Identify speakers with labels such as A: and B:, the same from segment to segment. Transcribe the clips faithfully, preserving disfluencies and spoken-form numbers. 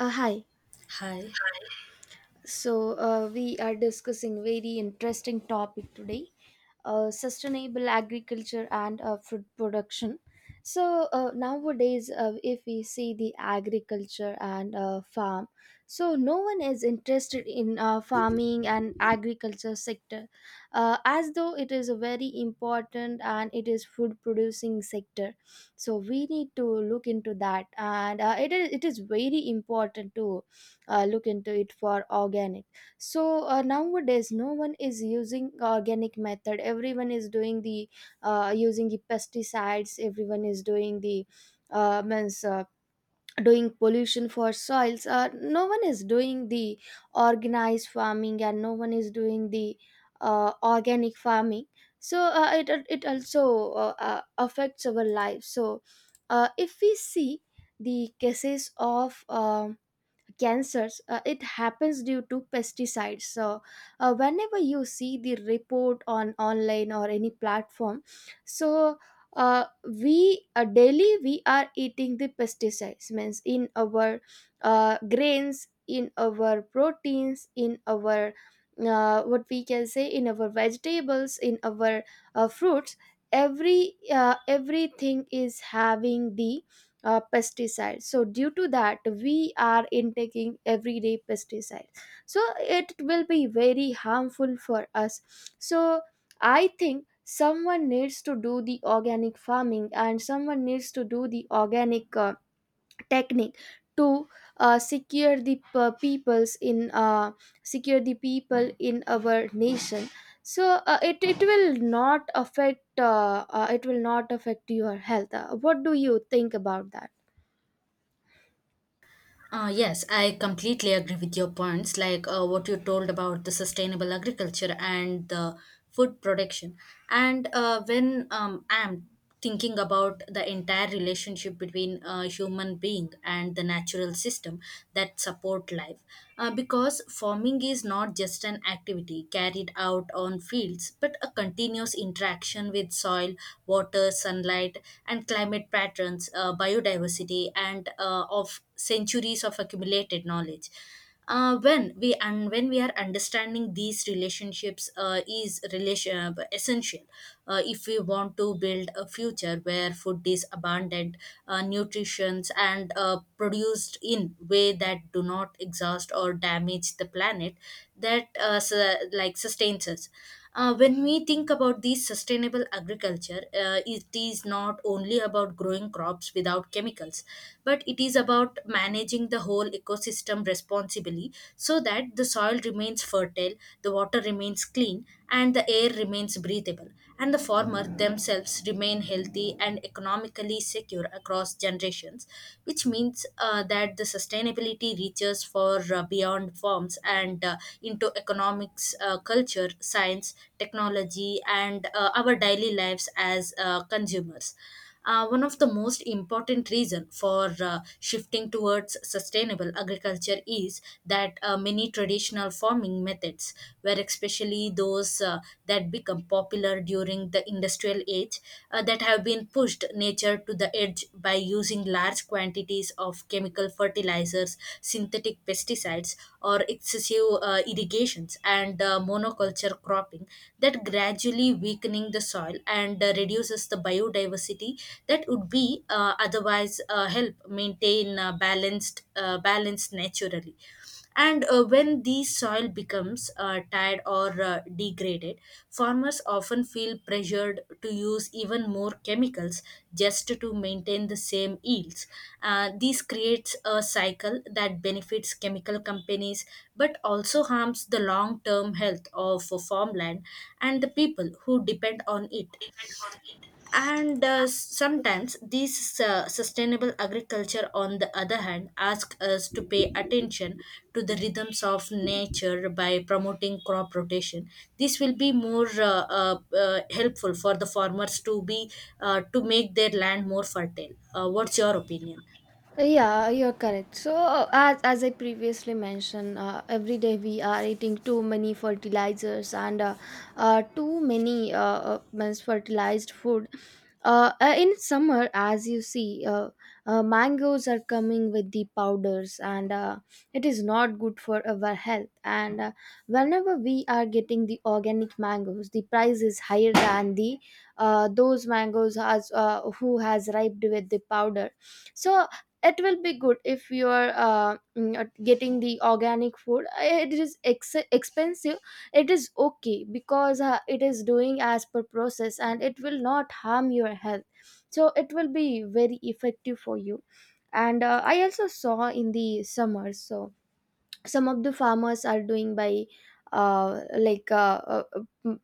A: Uh, hi.
B: Hi.
A: So uh, we are discussing very interesting topic today, uh, sustainable agriculture and uh, food production. So uh, nowadays, uh, if we see the agriculture and uh, farm, so no one is interested in uh, farming and agriculture sector, uh, as though it is a very important and it is food producing sector. So we need to look into that, and uh, it is it is very important to uh, look into it for organic. So uh, nowadays no one is using organic method, everyone is doing the uh, using the pesticides, everyone is doing the uh, means uh, doing pollution for soils. Uh, no one is doing the organized farming and no one is doing the uh, organic farming. So uh, it, it also uh, uh, affects our life. So uh, if we see the cases of um, cancers, uh, it happens due to pesticides. So uh, whenever you see the report on online or any platform, so uh, we uh, daily we are eating the pesticides, means in our uh, grains, in our proteins, in our uh, what we can say, in our vegetables, in our uh, fruits. Every uh, everything is having the uh, pesticides, so due to that we are intaking everyday pesticides, so it will be very harmful for us. So I think someone needs to do the organic farming and someone needs to do the organic uh, technique to uh, secure the p- peoples in uh, secure the people in our nation. So uh, it, it will not affect, uh, uh, it will not affect your health. Uh, what do you think about that?
B: Uh, yes, I completely agree with your points, like uh, what you told about the sustainable agriculture and the food production. And uh, when um, I'm thinking about the entire relationship between uh, human being and the natural system that support life, uh, because farming is not just an activity carried out on fields, but a continuous interaction with soil, water, sunlight, and climate patterns, uh, biodiversity, and uh, uh, of centuries of accumulated knowledge. Uh, when we and when we are understanding these relationships, uh, is relation uh, essential uh, if we want to build a future where food is abundant, uh, nutritions, and uh, produced in way that do not exhaust or damage the planet that uh, su- like sustains us. Uh, when we think about these sustainable agriculture, uh, it is not only about growing crops without chemicals, but it is about managing the whole ecosystem responsibly so that the soil remains fertile, the water remains clean, and the air remains breathable, and the farmer themselves remain healthy and economically secure across generations, which means uh, uh, that the sustainability reaches for uh, beyond forms and uh, into economics, uh, culture, science, technology, and uh, our daily lives as uh, consumers. Uh, one of the most important reason for uh, shifting towards sustainable agriculture is that uh, many traditional farming methods where especially those uh, that become popular popular during the industrial age, uh, that have been pushed nature to the edge by using large quantities of chemical fertilizers, synthetic pesticides, or excessive uh, irrigations and uh, monoculture cropping that gradually weakening the soil and uh, reduces the biodiversity that would be uh, otherwise uh, help maintain uh, balanced uh, balance naturally, and uh, when the soil becomes uh, tired or uh, degraded, farmers often feel pressured to use even more chemicals just to maintain the same yields. Uh, this creates a cycle that benefits chemical companies but also harms the long term health of farmland and the people who depend on it. And uh, sometimes these uh, sustainable agriculture on the other hand ask us to pay attention to the rhythms of nature by promoting crop rotation. This will be more uh, uh, uh, helpful for the farmers to be uh, to make their land more fertile. Uh, what's your opinion?
A: Yeah, you're correct. So, as, as I previously mentioned, uh, every day we are eating too many fertilizers and uh, uh, too many uh, uh, means fertilized food. Uh, uh, in summer, as you see, uh, uh, mangoes are coming with the powders, and uh, it is not good for our health. And uh, whenever we are getting the organic mangoes, the price is higher than the uh, those mangoes as uh, who has ripened with the powder. So it will be good if you are uh, mm, uh, getting the organic food. Uh, it is ex- expensive, it is okay, because uh, it is doing as per process and it will not harm your health, so it will be very effective for you. And uh, I also saw in the summer, so some of the farmers are doing by uh, like uh, uh, uh, m-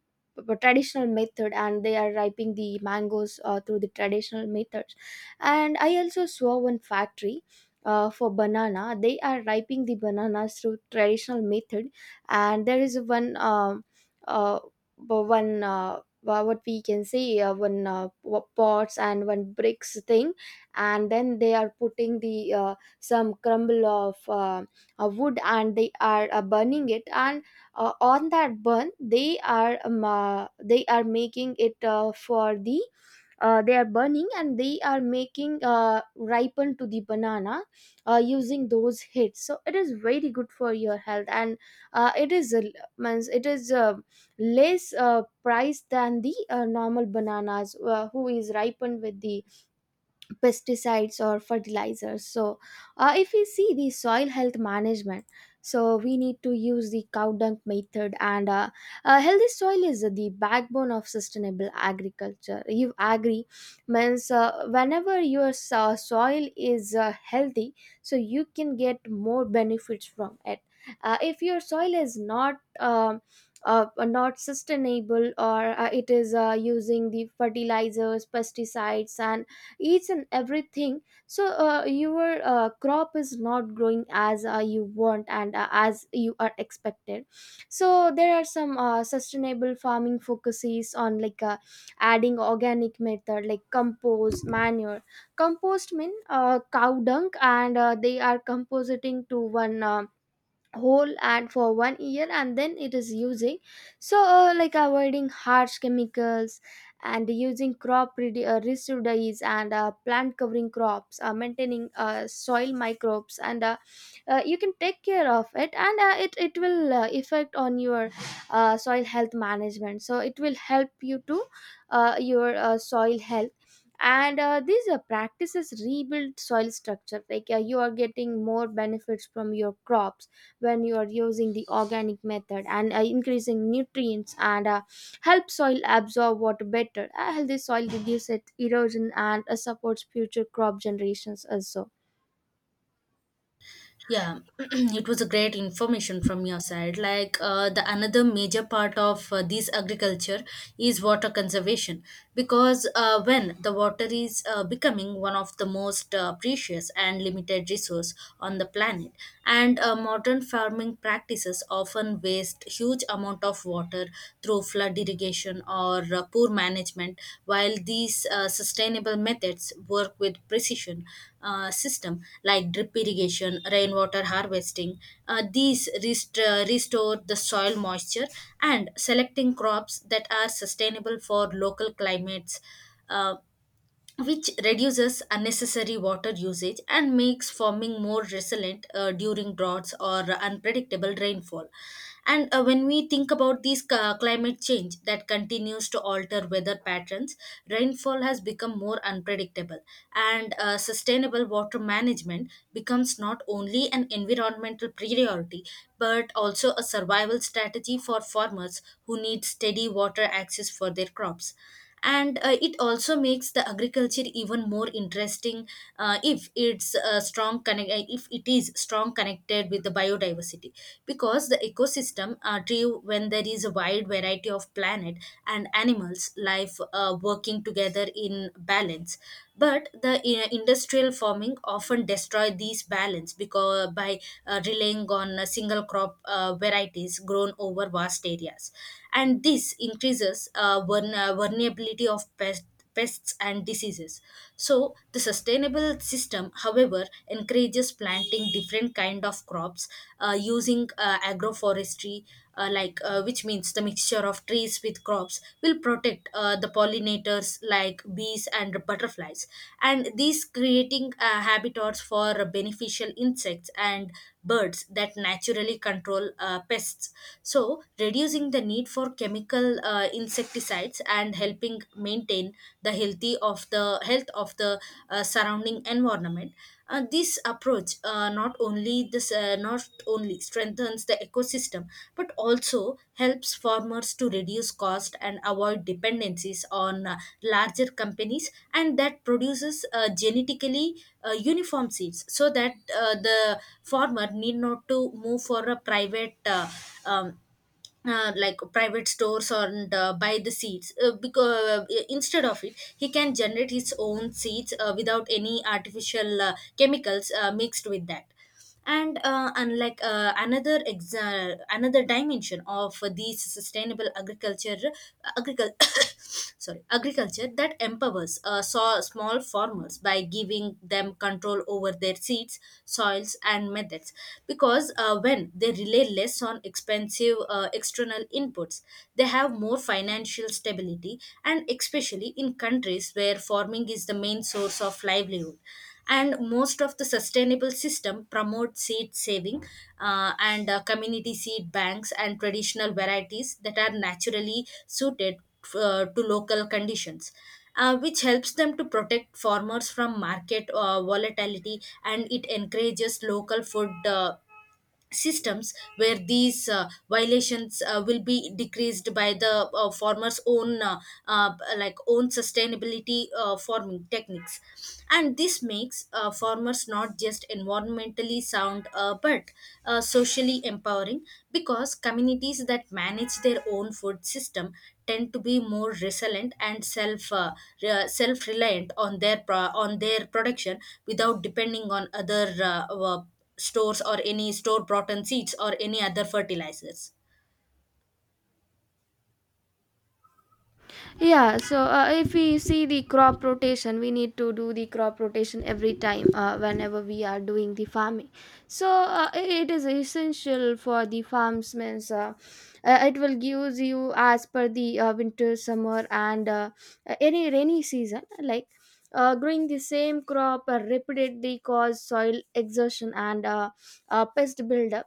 A: p- traditional method, and they are ripening the mangoes uh, through the traditional methods. And I also saw one factory uh, for banana, they are ripening the bananas through traditional method. And there is one um, uh, b- one uh, wha- what we can say, uh, one uh, w- pots and one bricks thing, and then they are putting the uh, some crumble of um, a wood, and they are uh, burning it, and uh, on that burn they are um, uh, they are making it uh, for the uh, they are burning and they are making uh, ripen to the banana uh, using those hits. So it is very good for your health and uh, it is a, means it is uh less uh, price than the uh, normal bananas uh, who is ripened with the pesticides or fertilizers. So uh, if we see the soil health management, so we need to use the cow dung method, and uh, uh, healthy soil is the backbone of sustainable agriculture, you agree? Means uh, whenever your so- soil is uh, healthy, so you can get more benefits from it. Uh, if your soil is not um uh, not sustainable, or uh, it is uh, using the fertilizers, pesticides and each and everything, so uh, your uh, crop is not growing as uh, you want and uh, as you are expected. So there are some uh, sustainable farming focuses on, like uh, adding organic method like compost manure. Compost mean uh, cow dung, and uh, they are compositing to one um, whole ad for one year, and then it is using. So uh, like avoiding harsh chemicals and using crop redu- uh, residues, and uh, plant covering crops, uh, maintaining uh, soil microbes, and uh, uh, you can take care of it. And uh, it, it will uh, affect on your uh, soil health management, so it will help you to uh, your uh, soil health. And uh, these uh, practices rebuild soil structure, like uh, you are getting more benefits from your crops when you are using the organic method, and uh, increasing nutrients, and uh, help soil absorb water better. A healthy soil reduces erosion and uh, supports future crop generations also.
B: Yeah, it was a great information from your side. Like uh, the another major part of uh, this agriculture is water conservation because uh, when the water is uh, becoming one of the most uh, precious and limited resource on the planet, and uh, modern farming practices often waste huge amount of water of water through flood irrigation or uh, poor management, while these uh, sustainable methods work with precision uh, system like drip irrigation, rainwater harvesting. Uh, these rest- uh, restore the soil moisture and selecting crops that are sustainable for local climates. Uh, which reduces unnecessary water usage and makes farming more resilient uh, during droughts or unpredictable rainfall. And uh, when we think about these ca- climate change that continues to alter weather patterns, rainfall has become more unpredictable, and uh, sustainable water management becomes not only an environmental priority but also a survival strategy for farmers who need steady water access for their crops, and uh, it also makes the agriculture even more interesting uh, if it's uh, strong connect uh, if it is strong connected with the biodiversity because the ecosystem uh, thrive when there is a wide variety of planet and animals life uh, working together in balance. But the uh, industrial farming often destroy these balance because by uh, relying on uh, single crop uh, varieties grown over vast areas, and this increases uh, vulner- uh, vulnerability of pest, pests and diseases. So the sustainable system however encourages planting different kind of crops uh, using uh, agroforestry, uh, like, uh, which means the mixture of trees with crops will protect uh, the pollinators like bees and butterflies, and these creating uh, habitats for beneficial insects and birds that naturally control uh, pests, so reducing reducing the need for chemical uh, insecticides and helping maintain the healthy of the health of the uh, surrounding environment. Uh, this approach uh, not only this uh, not only strengthens the ecosystem but also helps farmers to reduce cost and avoid dependencies on uh, larger companies, and that produces uh, genetically uh, uniform seeds so that uh, the farmer need not to move for a private uh, um, uh, like private stores or uh, buy the seeds uh, because uh, instead of it he can generate his own seeds uh, without any artificial uh, chemicals uh, mixed with that. And uh, unlike uh, another exa- another dimension of these sustainable agriculture agriculture. Sorry, agriculture that empowers uh, so small farmers by giving them control over their seeds, soils and methods because uh, when they rely less on expensive uh, external inputs. They have more financial stability, and especially in countries where farming is the main source of livelihood. And most of the sustainable system promote seed saving, uh, and uh, community seed banks and traditional varieties that are naturally suited uh, to local conditions, uh, which helps them to protect farmers from market uh, volatility, and it encourages local food uh, systems where these uh, violations uh, will be decreased by the uh, farmer's own uh, uh, like own sustainability uh, farming techniques, and this makes uh, farmers not just environmentally sound uh, but uh, socially empowering because communities that manage their own food system tend to be more resilient and self uh, re- self reliant on their pro- on their production without depending on other uh, uh, stores or any store brought in seeds or any other fertilizers.
A: Yeah, so uh, if we see the crop rotation, we need to do the crop rotation every time uh, whenever we are doing the farming. So uh, i- it is essential for the farmsmen. Uh, uh, it will give you as per the uh, winter, summer, and uh, any rainy season. Like uh, growing the same crop uh, repeatedly cause soil exertion and uh, uh, pest buildup.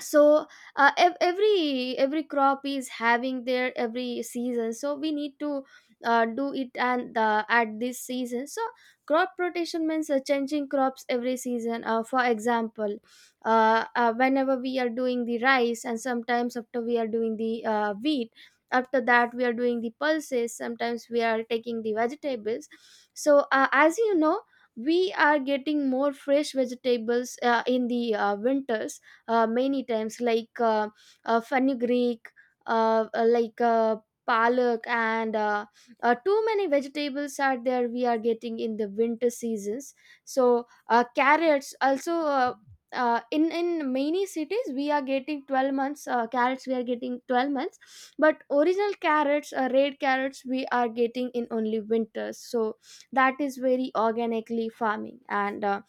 A: So uh, ev- every every crop is having their every season, so we need to uh, do it, and uh, at this season. So crop rotation means uh, changing crops every season. Uh, for example, uh, uh, whenever we are doing the rice, and sometimes after we are doing the uh, wheat, after that we are doing the pulses, sometimes we are taking the vegetables. So uh, as you know, we are getting more fresh vegetables uh, in the uh, winters uh, many times, like uh, uh, fenugreek, uh, uh, like uh, palak, and uh, uh, too many vegetables are there we are getting in the winter seasons. So uh, carrots also, uh, uh, in in many cities we are getting twelve months, uh, carrots we are getting twelve months. But original carrots, uh, red carrots we are getting in only winters. So that is very organically farming, and uh,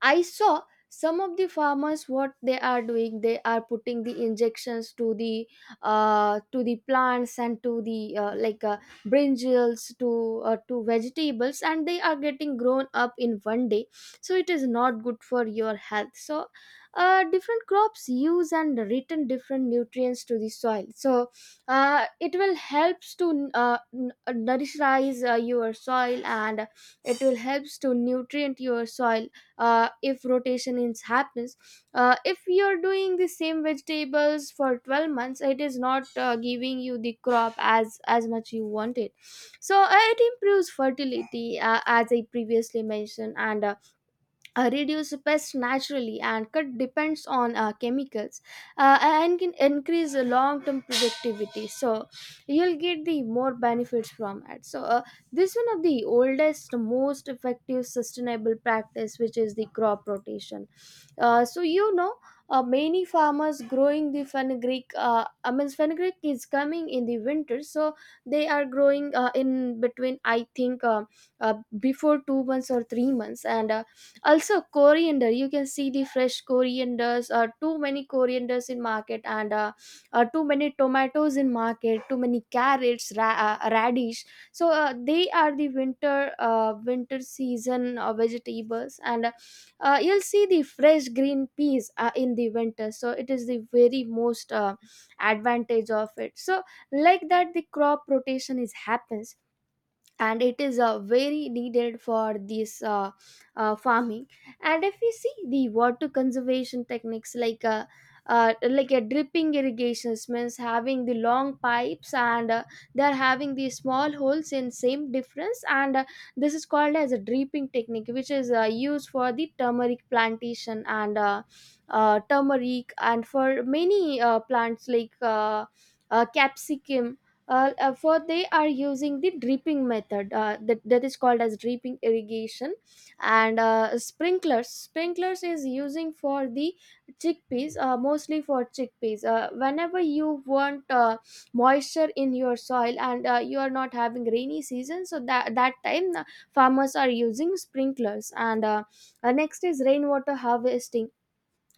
A: I saw some of the farmers, what they are doing, they are putting the injections to the uh, to the plants and to the uh, like uh, brinjals, to uh, to vegetables, and they are getting grown up in one day. So it is not good for your health. So uh, different crops use and return different nutrients to the soil, so uh, it will helps to uh, n- uh, nourish uh, your soil, and it will helps to nutrient your soil. Uh, if rotation is happens, uh, if you're doing the same vegetables for twelve months, it is not uh, giving you the crop as as much you wanted. So uh, it improves fertility, uh, as I previously mentioned, and uh, uh, reduce pests naturally, and cut depends on uh, chemicals, uh, and can increase the long-term productivity. So you'll get the more benefits from it. So uh, this one of the oldest most effective sustainable practice, which is the crop rotation. Uh, so you know, uh, many farmers growing the fenugreek. Uh, I mean, fenugreek is coming in the winter, so they are growing uh, in between. I think uh, uh, before two months or three months, and uh, also coriander. You can see the fresh corianders. Uh, too many corianders in market, and uh, uh, too many tomatoes in market. Too many carrots, ra- uh, radish. So uh, they are the winter, uh, winter season uh, vegetables, and uh, you'll see the fresh green peas uh, in the winter. So it is the very most uh, advantage of it. So like that the crop rotation is happens, and it is uh, very needed for this uh, uh, farming. And if we see the water conservation techniques, like uh, uh, like a dripping irrigations means having the long pipes, and uh, they're having the small holes in same difference, and uh, this is called as a dripping technique, which is uh, used for the turmeric plantation, and uh, uh, turmeric and for many uh, plants like uh, uh, capsicum. Uh, uh, for they are using the dripping method, uh, that, that is called as dripping irrigation. And uh, sprinklers sprinklers is using for the chickpeas, uh, mostly for chickpeas, uh, whenever you want uh, moisture in your soil, and uh, you are not having rainy season, so that that time uh, farmers are using sprinklers. And uh, uh, next is rainwater harvesting.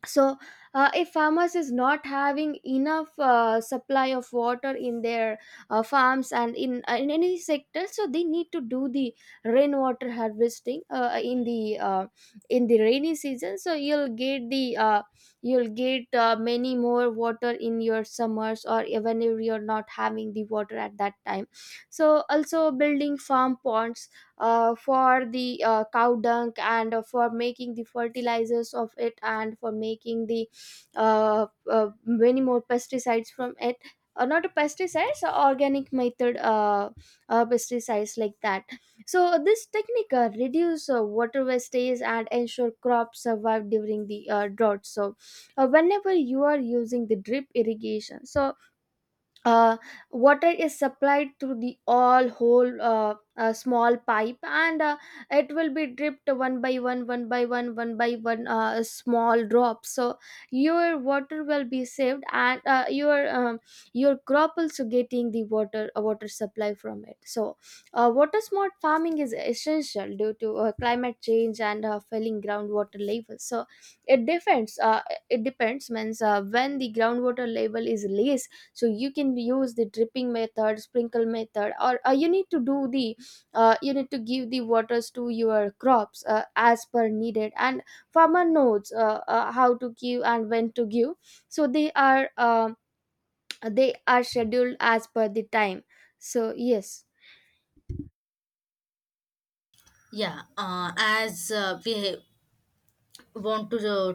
A: So uh, if farmers is not having enough uh, supply of water in their uh, farms, and in uh, in any sector, so they need to do the rainwater harvesting uh, in the uh, in the rainy season. So you'll get the uh, you'll get uh, many more water in your summers, or even if you're not having the water at that time. So also building farm ponds uh, for the uh, cow dung, and uh, for making the fertilizers of it, and for making the uh, uh, many more pesticides from it. Uh, not a pesticides, uh, organic method, uh, uh, pesticides like that. So this technique uh, reduce uh, water wastage and ensure crops survive during the uh, drought. So uh, whenever you are using the drip irrigation, so uh, water is supplied through the all whole uh, uh, small pipe, and uh, it will be dripped one by one one by one one by one uh, small drops. So your water will be saved, and uh, your um, your crop also getting the water, uh, water supply from it. So uh, water smart farming is essential due to uh, climate change and uh, failing groundwater levels. So it depends uh, it depends means uh, when the groundwater level is less, so you can use the dripping method, sprinkle method, or uh, you need to do the uh, you need to give the waters to your crops uh, as per needed. And farmer knows, uh, uh, how to give and when to give. So they are um they are scheduled as per the time. So yes.
B: Yeah. Uh, as uh, we want to uh,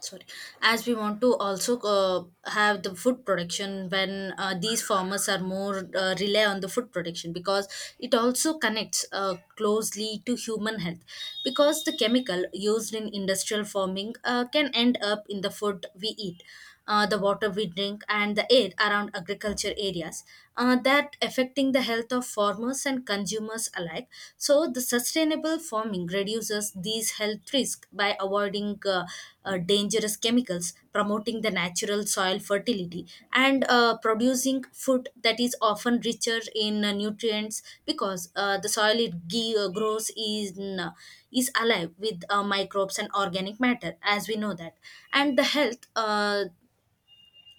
B: sorry, as we want to also uh, have the food production when uh, these farmers are more uh, rely on the food production because it also connects uh, closely to human health because the chemical used in industrial farming uh, can end up in the food we eat, uh, the water we drink, and the air around agriculture areas uh, that affecting the health of farmers and consumers alike. So the sustainable farming reduces these health risks by avoiding uh, uh, dangerous chemicals, promoting the natural soil fertility, and uh, producing food that is often richer in uh, nutrients because uh, the soil it gi- uh, grows is uh, is alive with uh, microbes and organic matter, as we know that, and the health. Uh,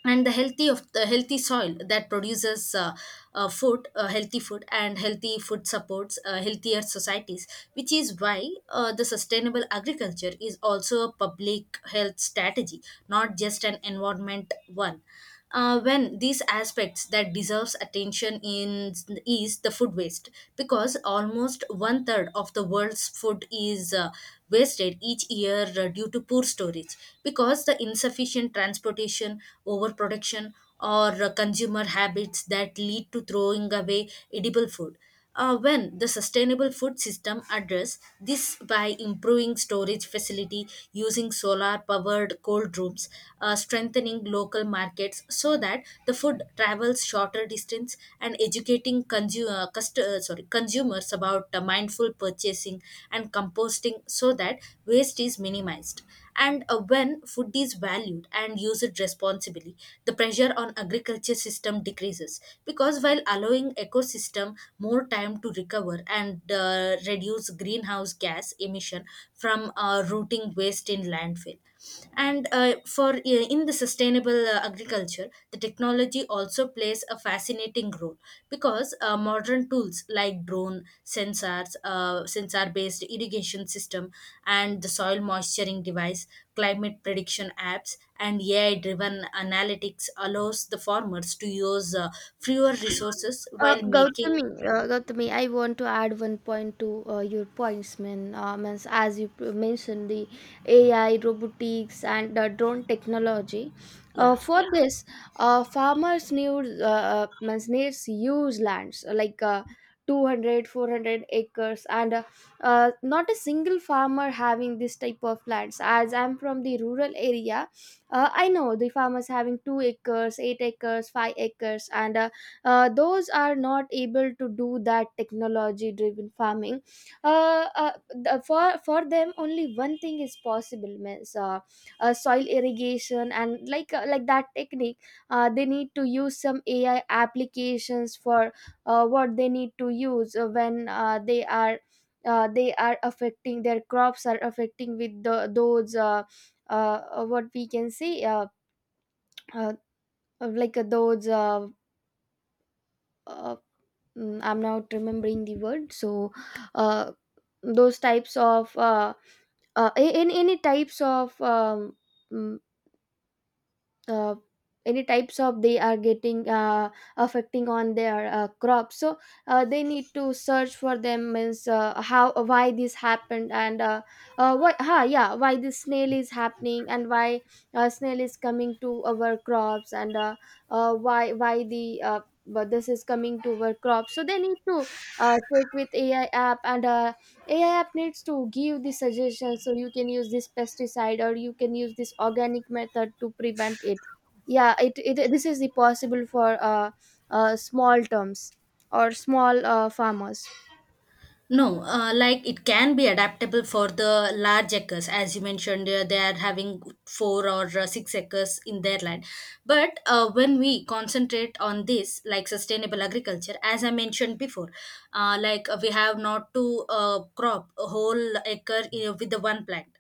B: and the healthy of the healthy soil that produces uh, uh, food uh, healthy food, and healthy food supports uh, healthier societies, which is why uh, the sustainable agriculture is also a public health strategy, not just an environment one. Uh, when these aspects that deserves attention in is the food waste because almost one third of the world's food is uh, wasted each year uh, due to poor storage because the insufficient transportation, overproduction, or uh, consumer habits that lead to throwing away edible food. Uh, when the sustainable food system address this by improving storage facility using solar powered cold rooms, uh, strengthening local markets so that the food travels shorter distance and educating consumer, cust- uh, sorry, consumers about uh, mindful purchasing and composting so that waste is minimized. And uh, when food is valued and used responsibly, the pressure on agriculture system decreases because while allowing ecosystem more time to recover and uh, reduce greenhouse gas emission from uh, rooting waste in landfill. And uh, for uh, In the sustainable uh, agriculture, the technology also plays a fascinating role because uh, modern tools like drone sensors, uh, sensor based irrigation system, and the soil moisturing device, climate prediction apps and A I driven analytics allows the farmers to use uh, fewer resources
A: Uh,
B: while making.
A: Gautami, uh, Gautami, I want to add one point to uh, your points, man. Uh, means as you pr- mentioned, the A I, robotics, and uh, drone technology. Uh,
B: Yeah.
A: for Yeah. this, uh, farmers need uh, uh, means needs huge lands, uh, like uh, two hundred, four hundred acres, and uh, uh, not a single farmer having this type of lands. As I'm from the rural area, uh, I know the farmers having two acres, eight acres, five acres, and uh, uh, those are not able to do that technology driven farming. uh, uh, the, for for them only one thing is possible, means uh, uh, soil irrigation and like uh, like that technique. Uh, they need to use some ai applications for uh, what they need to use uh, when uh, they are uh, they are affecting, their crops are affecting with the, those, uh, uh, what we can say, uh, uh, like uh, those, uh, uh, mm, I'm not remembering the word. So uh, those types of, uh, uh, a- any any types of, um, mm, uh, any types of they are getting uh, affecting on their uh, crops. So uh, they need to search for them, means uh, how, why this happened, and uh, uh, why ha, yeah, why this snail is happening, and why uh, snail is coming to our crops, and uh, uh, why why the uh, but this is coming to our crops. So they need to uh, check with ai app, and uh, ai app needs to give the suggestions, so you can use this pesticide, or you can use this organic method to prevent it. Yeah, it, it this is the possible for uh, uh, small terms, or small uh, farmers.
B: No, uh, like it can be adaptable for the large acres, as you mentioned, uh, they are having four or uh, six acres in their land. But uh, when we concentrate on this, like sustainable agriculture, as I mentioned before, uh, like uh, we have not to uh, crop a whole acre you with the one plant,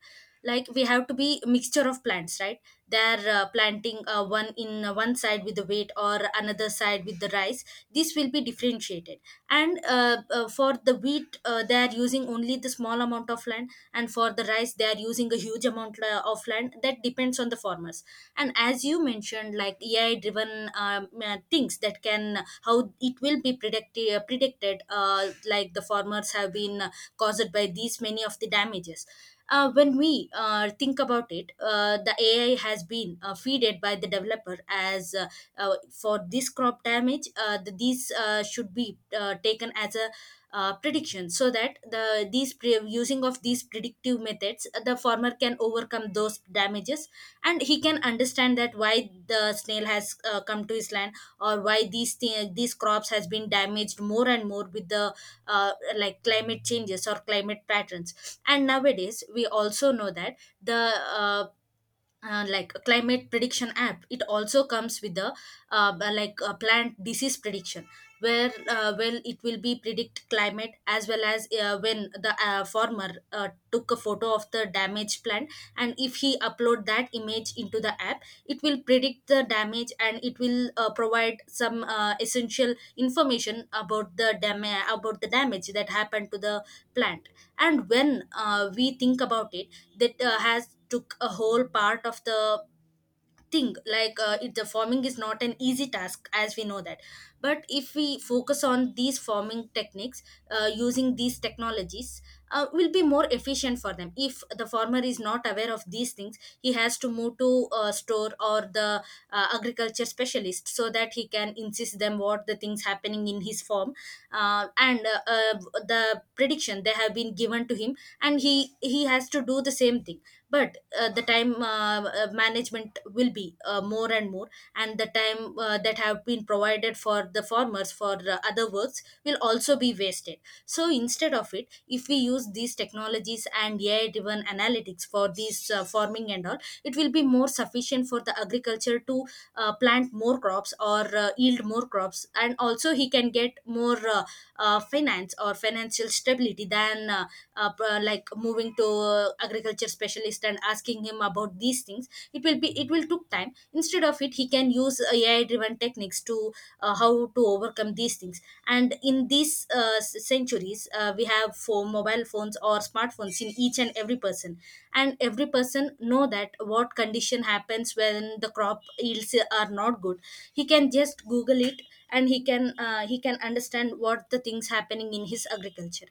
B: like we have to be mixture of plants, right? They're uh, planting uh, one in uh, one side with the wheat or another side with the rice. This will be differentiated, and uh, uh, for the wheat uh, they are using only the small amount of land, and for the rice they are using a huge amount la- of land. That depends on the farmers. And as you mentioned, like A I driven um, uh, things that can how it will be predicti- predicted, uh, like the farmers have been uh, caused by these many of the damages. Uh, when we uh, think about it, uh, the A I has been uh, feeded by the developer as uh, uh, for this crop damage. Uh, the, these uh, should be uh, taken as a uh, prediction so that the these pre- using of these predictive methods, uh, the farmer can overcome those damages, and he can understand that why the snail has uh, come to his land, or why these th- these crops has been damaged more and more with the uh, like climate changes or climate patterns. And nowadays we also know that the uh, uh, like climate prediction app, it also comes with the uh, like a plant disease prediction, where uh, well it will be predict climate as well as uh, when the uh, farmer uh, took a photo of the damaged plant, and if he upload that image into the app, it will predict the damage, and it will uh, provide some uh, essential information about the dam- about the damage that happened to the plant. And when uh, we think about it, that uh, has took a whole part of the thing, like uh, it, the farming is not an easy task, as we know that. But if we focus on these farming techniques, uh, using these technologies, uh, will be more efficient for them. If the farmer is not aware of these things, he has to move to a store or the uh, agriculture specialist, so that he can insist them what the things happening in his farm, uh, and uh, uh, the prediction they have been given to him, and he he has to do the same thing. But uh, the time uh, uh, management will be uh, more and more, and the time uh, that have been provided for the farmers for uh, other works will also be wasted. So instead of it, if we use these technologies and ai driven analytics for these uh, farming and all, it will be more sufficient for the agriculture to uh, plant more crops or uh, yield more crops, and also he can get more uh, uh, finance or financial stability than uh, uh, p- like moving to uh, agriculture specialist and asking him about these things, it will be it will took time. Instead of it, he can use uh, ai driven techniques to uh, how to overcome these things. And in these uh, s- centuries, uh, we have phone, mobile phones or smartphones in each and every person, and every person know that what condition happens when the crop yields are not good. He can just google it, and he can uh, he can understand what the things happening in his agriculture.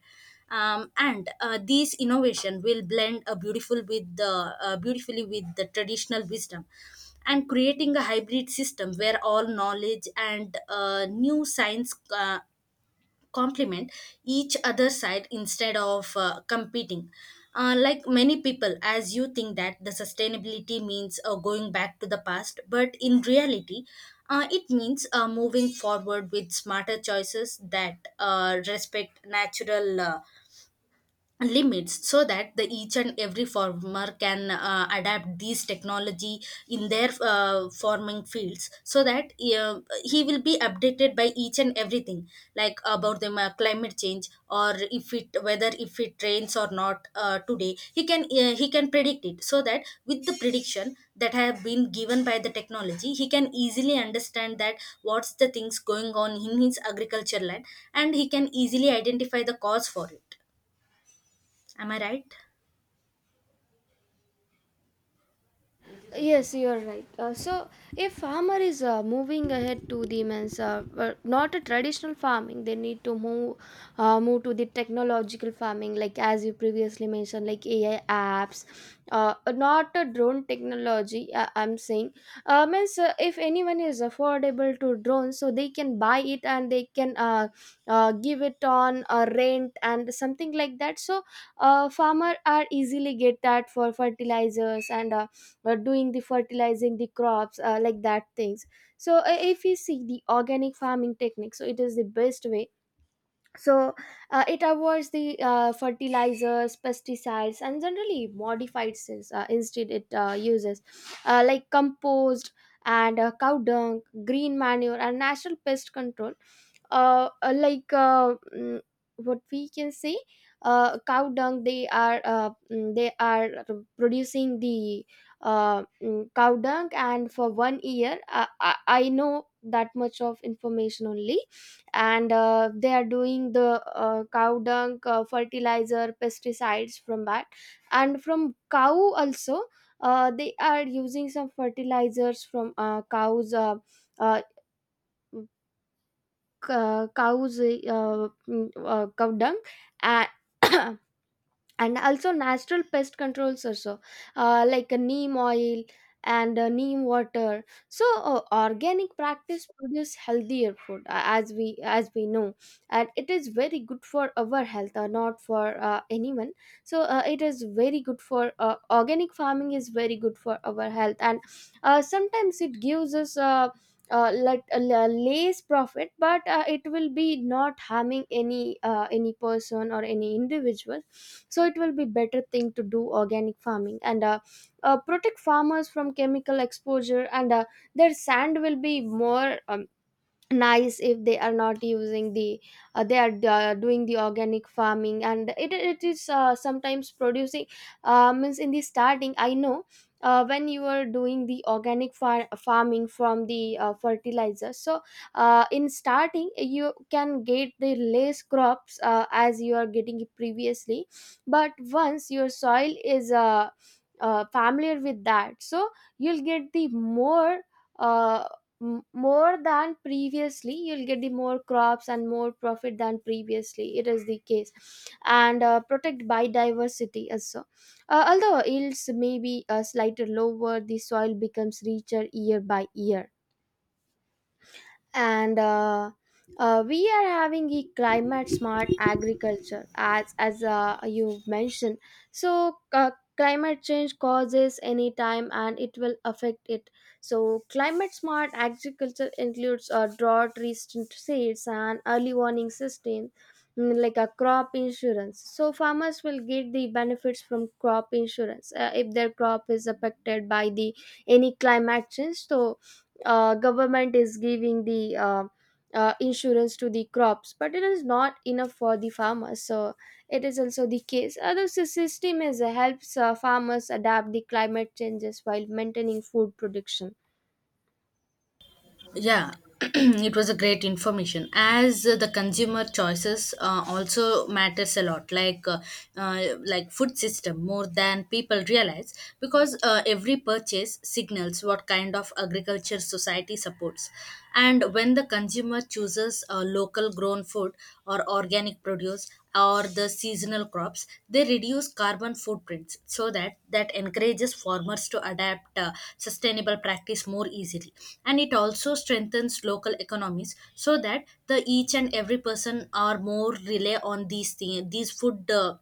B: Um, and uh, these innovation will blend a beautiful with the uh, beautifully with the traditional wisdom, and creating a hybrid system where all knowledge and uh, new science uh, complement each other side instead of uh, competing. Uh, like many people as you think that the sustainability means uh, going back to the past, but in reality, uh, it means uh, moving forward with smarter choices that uh, respect natural uh, limits, so that the each and every farmer can uh, adapt these technology in their uh, farming fields, so that uh, he will be updated by each and everything, like about the uh, climate change, or if it whether if it rains or not uh, today, he can uh, he can predict it, so that with the prediction that have been given by the technology, he can easily understand that what's the things going on in his agriculture land, and he can easily identify the cause for it. Am I right?
A: Yes, you're right. Uh, so if farmer is uh, moving ahead to the means, uh, uh, not a traditional farming, they need to move, uh, move to the technological farming like, as you previously mentioned, like ai apps. Uh, not a drone technology, uh, I'm saying, uh, means uh, if anyone is affordable to drones, so they can buy it and they can, uh, uh, give it on uh, rent and something like that. So uh, farmer are easily get that for fertilizers, and uh, uh, doing the fertilizing the crops, uh, like that things. So uh, if we see the organic farming technique, so it is the best way. So uh, it avoids the uh, fertilizers, pesticides, and generally modified since, uh, instead it uh, uses uh, like compost, and uh, cow dung, green manure, and natural pest control, uh, uh, like uh, mm, what we can say, uh, cow dung. They are uh, mm, they are producing the uh, mm, cow dung, and for one year, uh, I, I know that much of information only. And uh, they are doing the uh, cow dung uh, fertilizer pesticides from that, and from cow also uh, they are using some fertilizers from uh, cows, uh, uh, mm, c- uh, cows, uh, mm, uh, cow dung. And and also natural pest controls also, uh, like a neem oil, and uh, neem water. So uh, organic practice produce healthier food, uh, as we as we know, and it is very good for our health, uh, not for uh, anyone. So uh, it is very good for uh, organic farming is very good for our health. And uh, sometimes it gives us, uh, uh, let uh, la- less profit, but uh, it will be not harming any uh, any person or any individual. So it will be better thing to do organic farming, and uh, uh, protect farmers from chemical exposure, and uh, their sand will be more um, nice if they are not using the uh, they are uh, doing the organic farming. And it, it is uh, sometimes producing, uh, means in the starting I know, uh, when you are doing the organic far- farming from the uh, fertilizer, so uh, in starting you can get the less crops, uh, as you are getting it previously. But once your soil is uh, uh, familiar with that, so you'll get the more, uh, m- more than previously. You'll get the more crops and more profit than previously, it is the case. And uh, protect biodiversity also. Uh, although yields may be uh, slightly lower, the soil becomes richer year by year. And uh, uh, we are having a climate smart agriculture, as as uh, you mentioned. So uh, climate change causes any time and it will affect it. So climate smart agriculture includes uh, drought resistant seeds and early warning system, mm, like a crop insurance. So farmers will get the benefits from crop insurance uh, if their crop is affected by the any climate change. So uh, government is giving the uh, uh, insurance to the crops, but it is not enough for the farmers. So it is also the case. Other sy- system is uh, helps uh, farmers adapt the climate changes while maintaining food production.
B: Yeah, it was a great information. As uh, the consumer choices uh, also matters a lot, like uh, uh, like food system more than people realize, because uh, every purchase signals what kind of agriculture society supports, and when the consumer chooses uh, local grown food, or organic produce, or the seasonal crops, they reduce carbon footprints, so that that encourages farmers to adapt uh, sustainable practice more easily. And it also strengthens local economies, so that the each and every person are more rely on these thing, these food uh,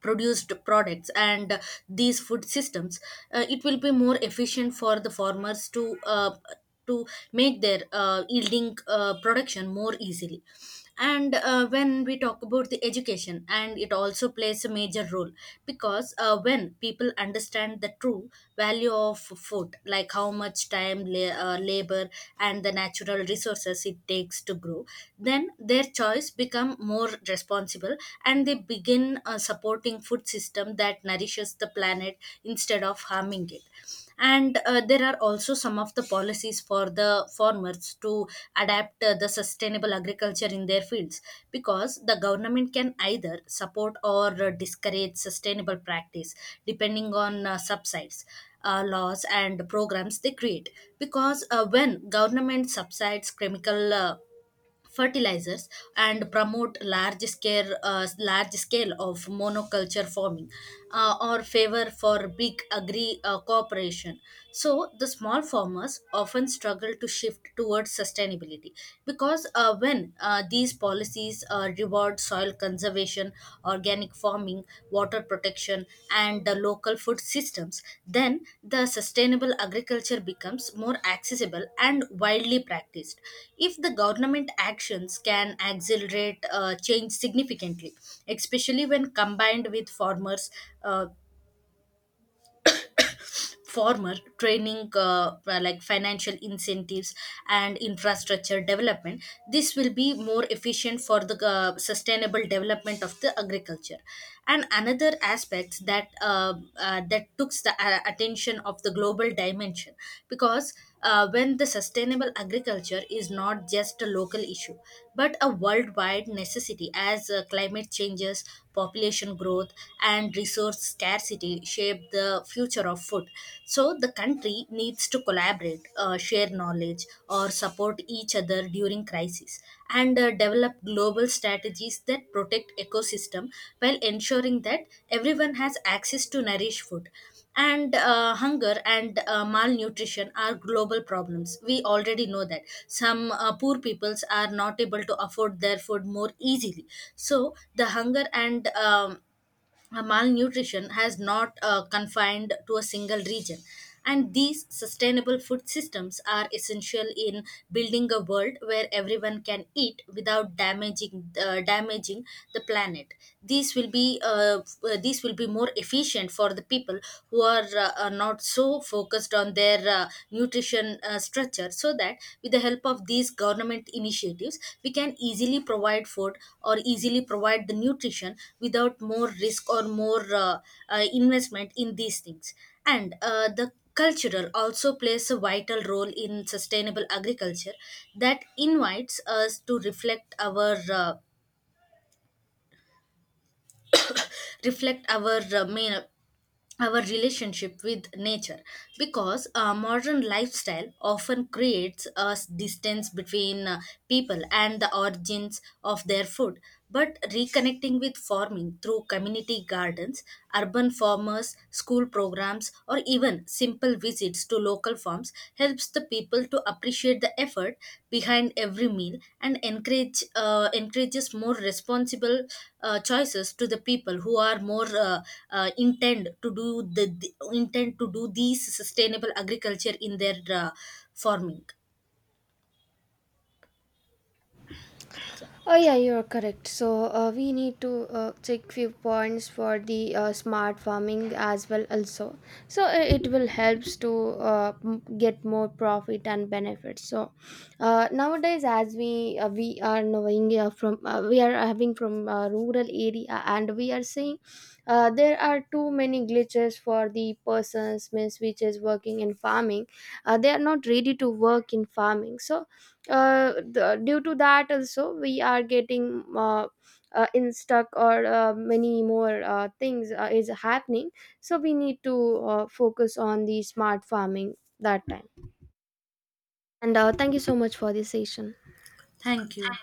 B: produced products, and uh, these food systems, uh, it will be more efficient for the farmers to uh, to make their uh, yielding uh, production more easily. And uh, when we talk about the education, and it also plays a major role, because uh, when people understand the true value of food, like how much time la- uh, labor and the natural resources it takes to grow, then their choice become more more responsible, and they begin uh, supporting food system that nourishes the planet instead of harming it. And uh, there are also some of the policies for the farmers to adapt uh, the sustainable agriculture in their fields, because the government can either support or uh, discourage sustainable practice depending on uh, subsides, uh, laws and programs they create. Because uh, when government subsides chemical uh, fertilizers and promote large scale uh, large scale of monoculture farming, uh, or favor for big agri uh, cooperation, so the small farmers often struggle to shift towards sustainability. Because uh, when uh, these policies uh, reward soil conservation conservation, organic farming, water protection, and the local food systems, then the sustainable agriculture becomes more accessible and widely practiced. If the government actions can accelerate uh, change significantly, especially when combined with farmers' uh, former training, uh, uh, like financial incentives and infrastructure development, this will be more efficient for the uh, sustainable development of the agriculture. And another aspect that uh, uh, that took the uh, attention of the global dimension, because uh, when the sustainable agriculture is not just a local issue, but a worldwide necessity, as uh, climate changes, population growth, and resource scarcity shape the future of food. So the country needs to collaborate, uh, share knowledge, or support each other during crisis, and uh, develop global strategies that protect ecosystem, while ensuring that everyone has access to nourish food. And uh, hunger and uh, malnutrition are global problems, we already know that. Some uh, poor peoples are not able to afford their food more easily. So the hunger and um, uh, malnutrition has not uh, confined to a single region, and these sustainable food systems are essential in building a world where everyone can eat without damaging uh, damaging the planet. These will be uh, f- uh, these will be more efficient for the people who are uh, uh, not so focused on their uh, nutrition nutrition uh, structure, so that with the help of these government initiatives, we can easily provide food, or easily provide the nutrition without more risk or more uh, uh, investment in these things. And uh, the cultural also plays a vital role in sustainable agriculture, that invites us to reflect our uh, reflect our uh, main our relationship with nature. Because a modern lifestyle often creates a s- distance between uh, people and the origins of their food, but reconnecting with farming through community gardens, urban farmers school programs, or even simple visits seeds to local farms, helps the people to appreciate the effort behind every meal, and encourage uh, encourages more responsible uh, choices to the people who are more uh, uh, intent to do the, the intend to do these sustainable agriculture in their uh, farming.
A: Oh yeah, you're correct. So uh, we need to uh, check few points for the uh, smart farming as well also. So uh, it will helps to uh, m- get more profit and benefits. So uh, nowadays, as we uh, we are knowing, uh, from uh, we are having from uh, rural area, and we are seeing uh, there are too many glitches for the persons, means which is working in farming. Uh, they are not ready to work in farming. So uh, the, due to that also we are getting, uh, uh, in stuck, or uh, many more uh, things uh, is happening. So we need to uh, focus on the smart farming that time. And uh, thank you so much for this session.
B: Thank you.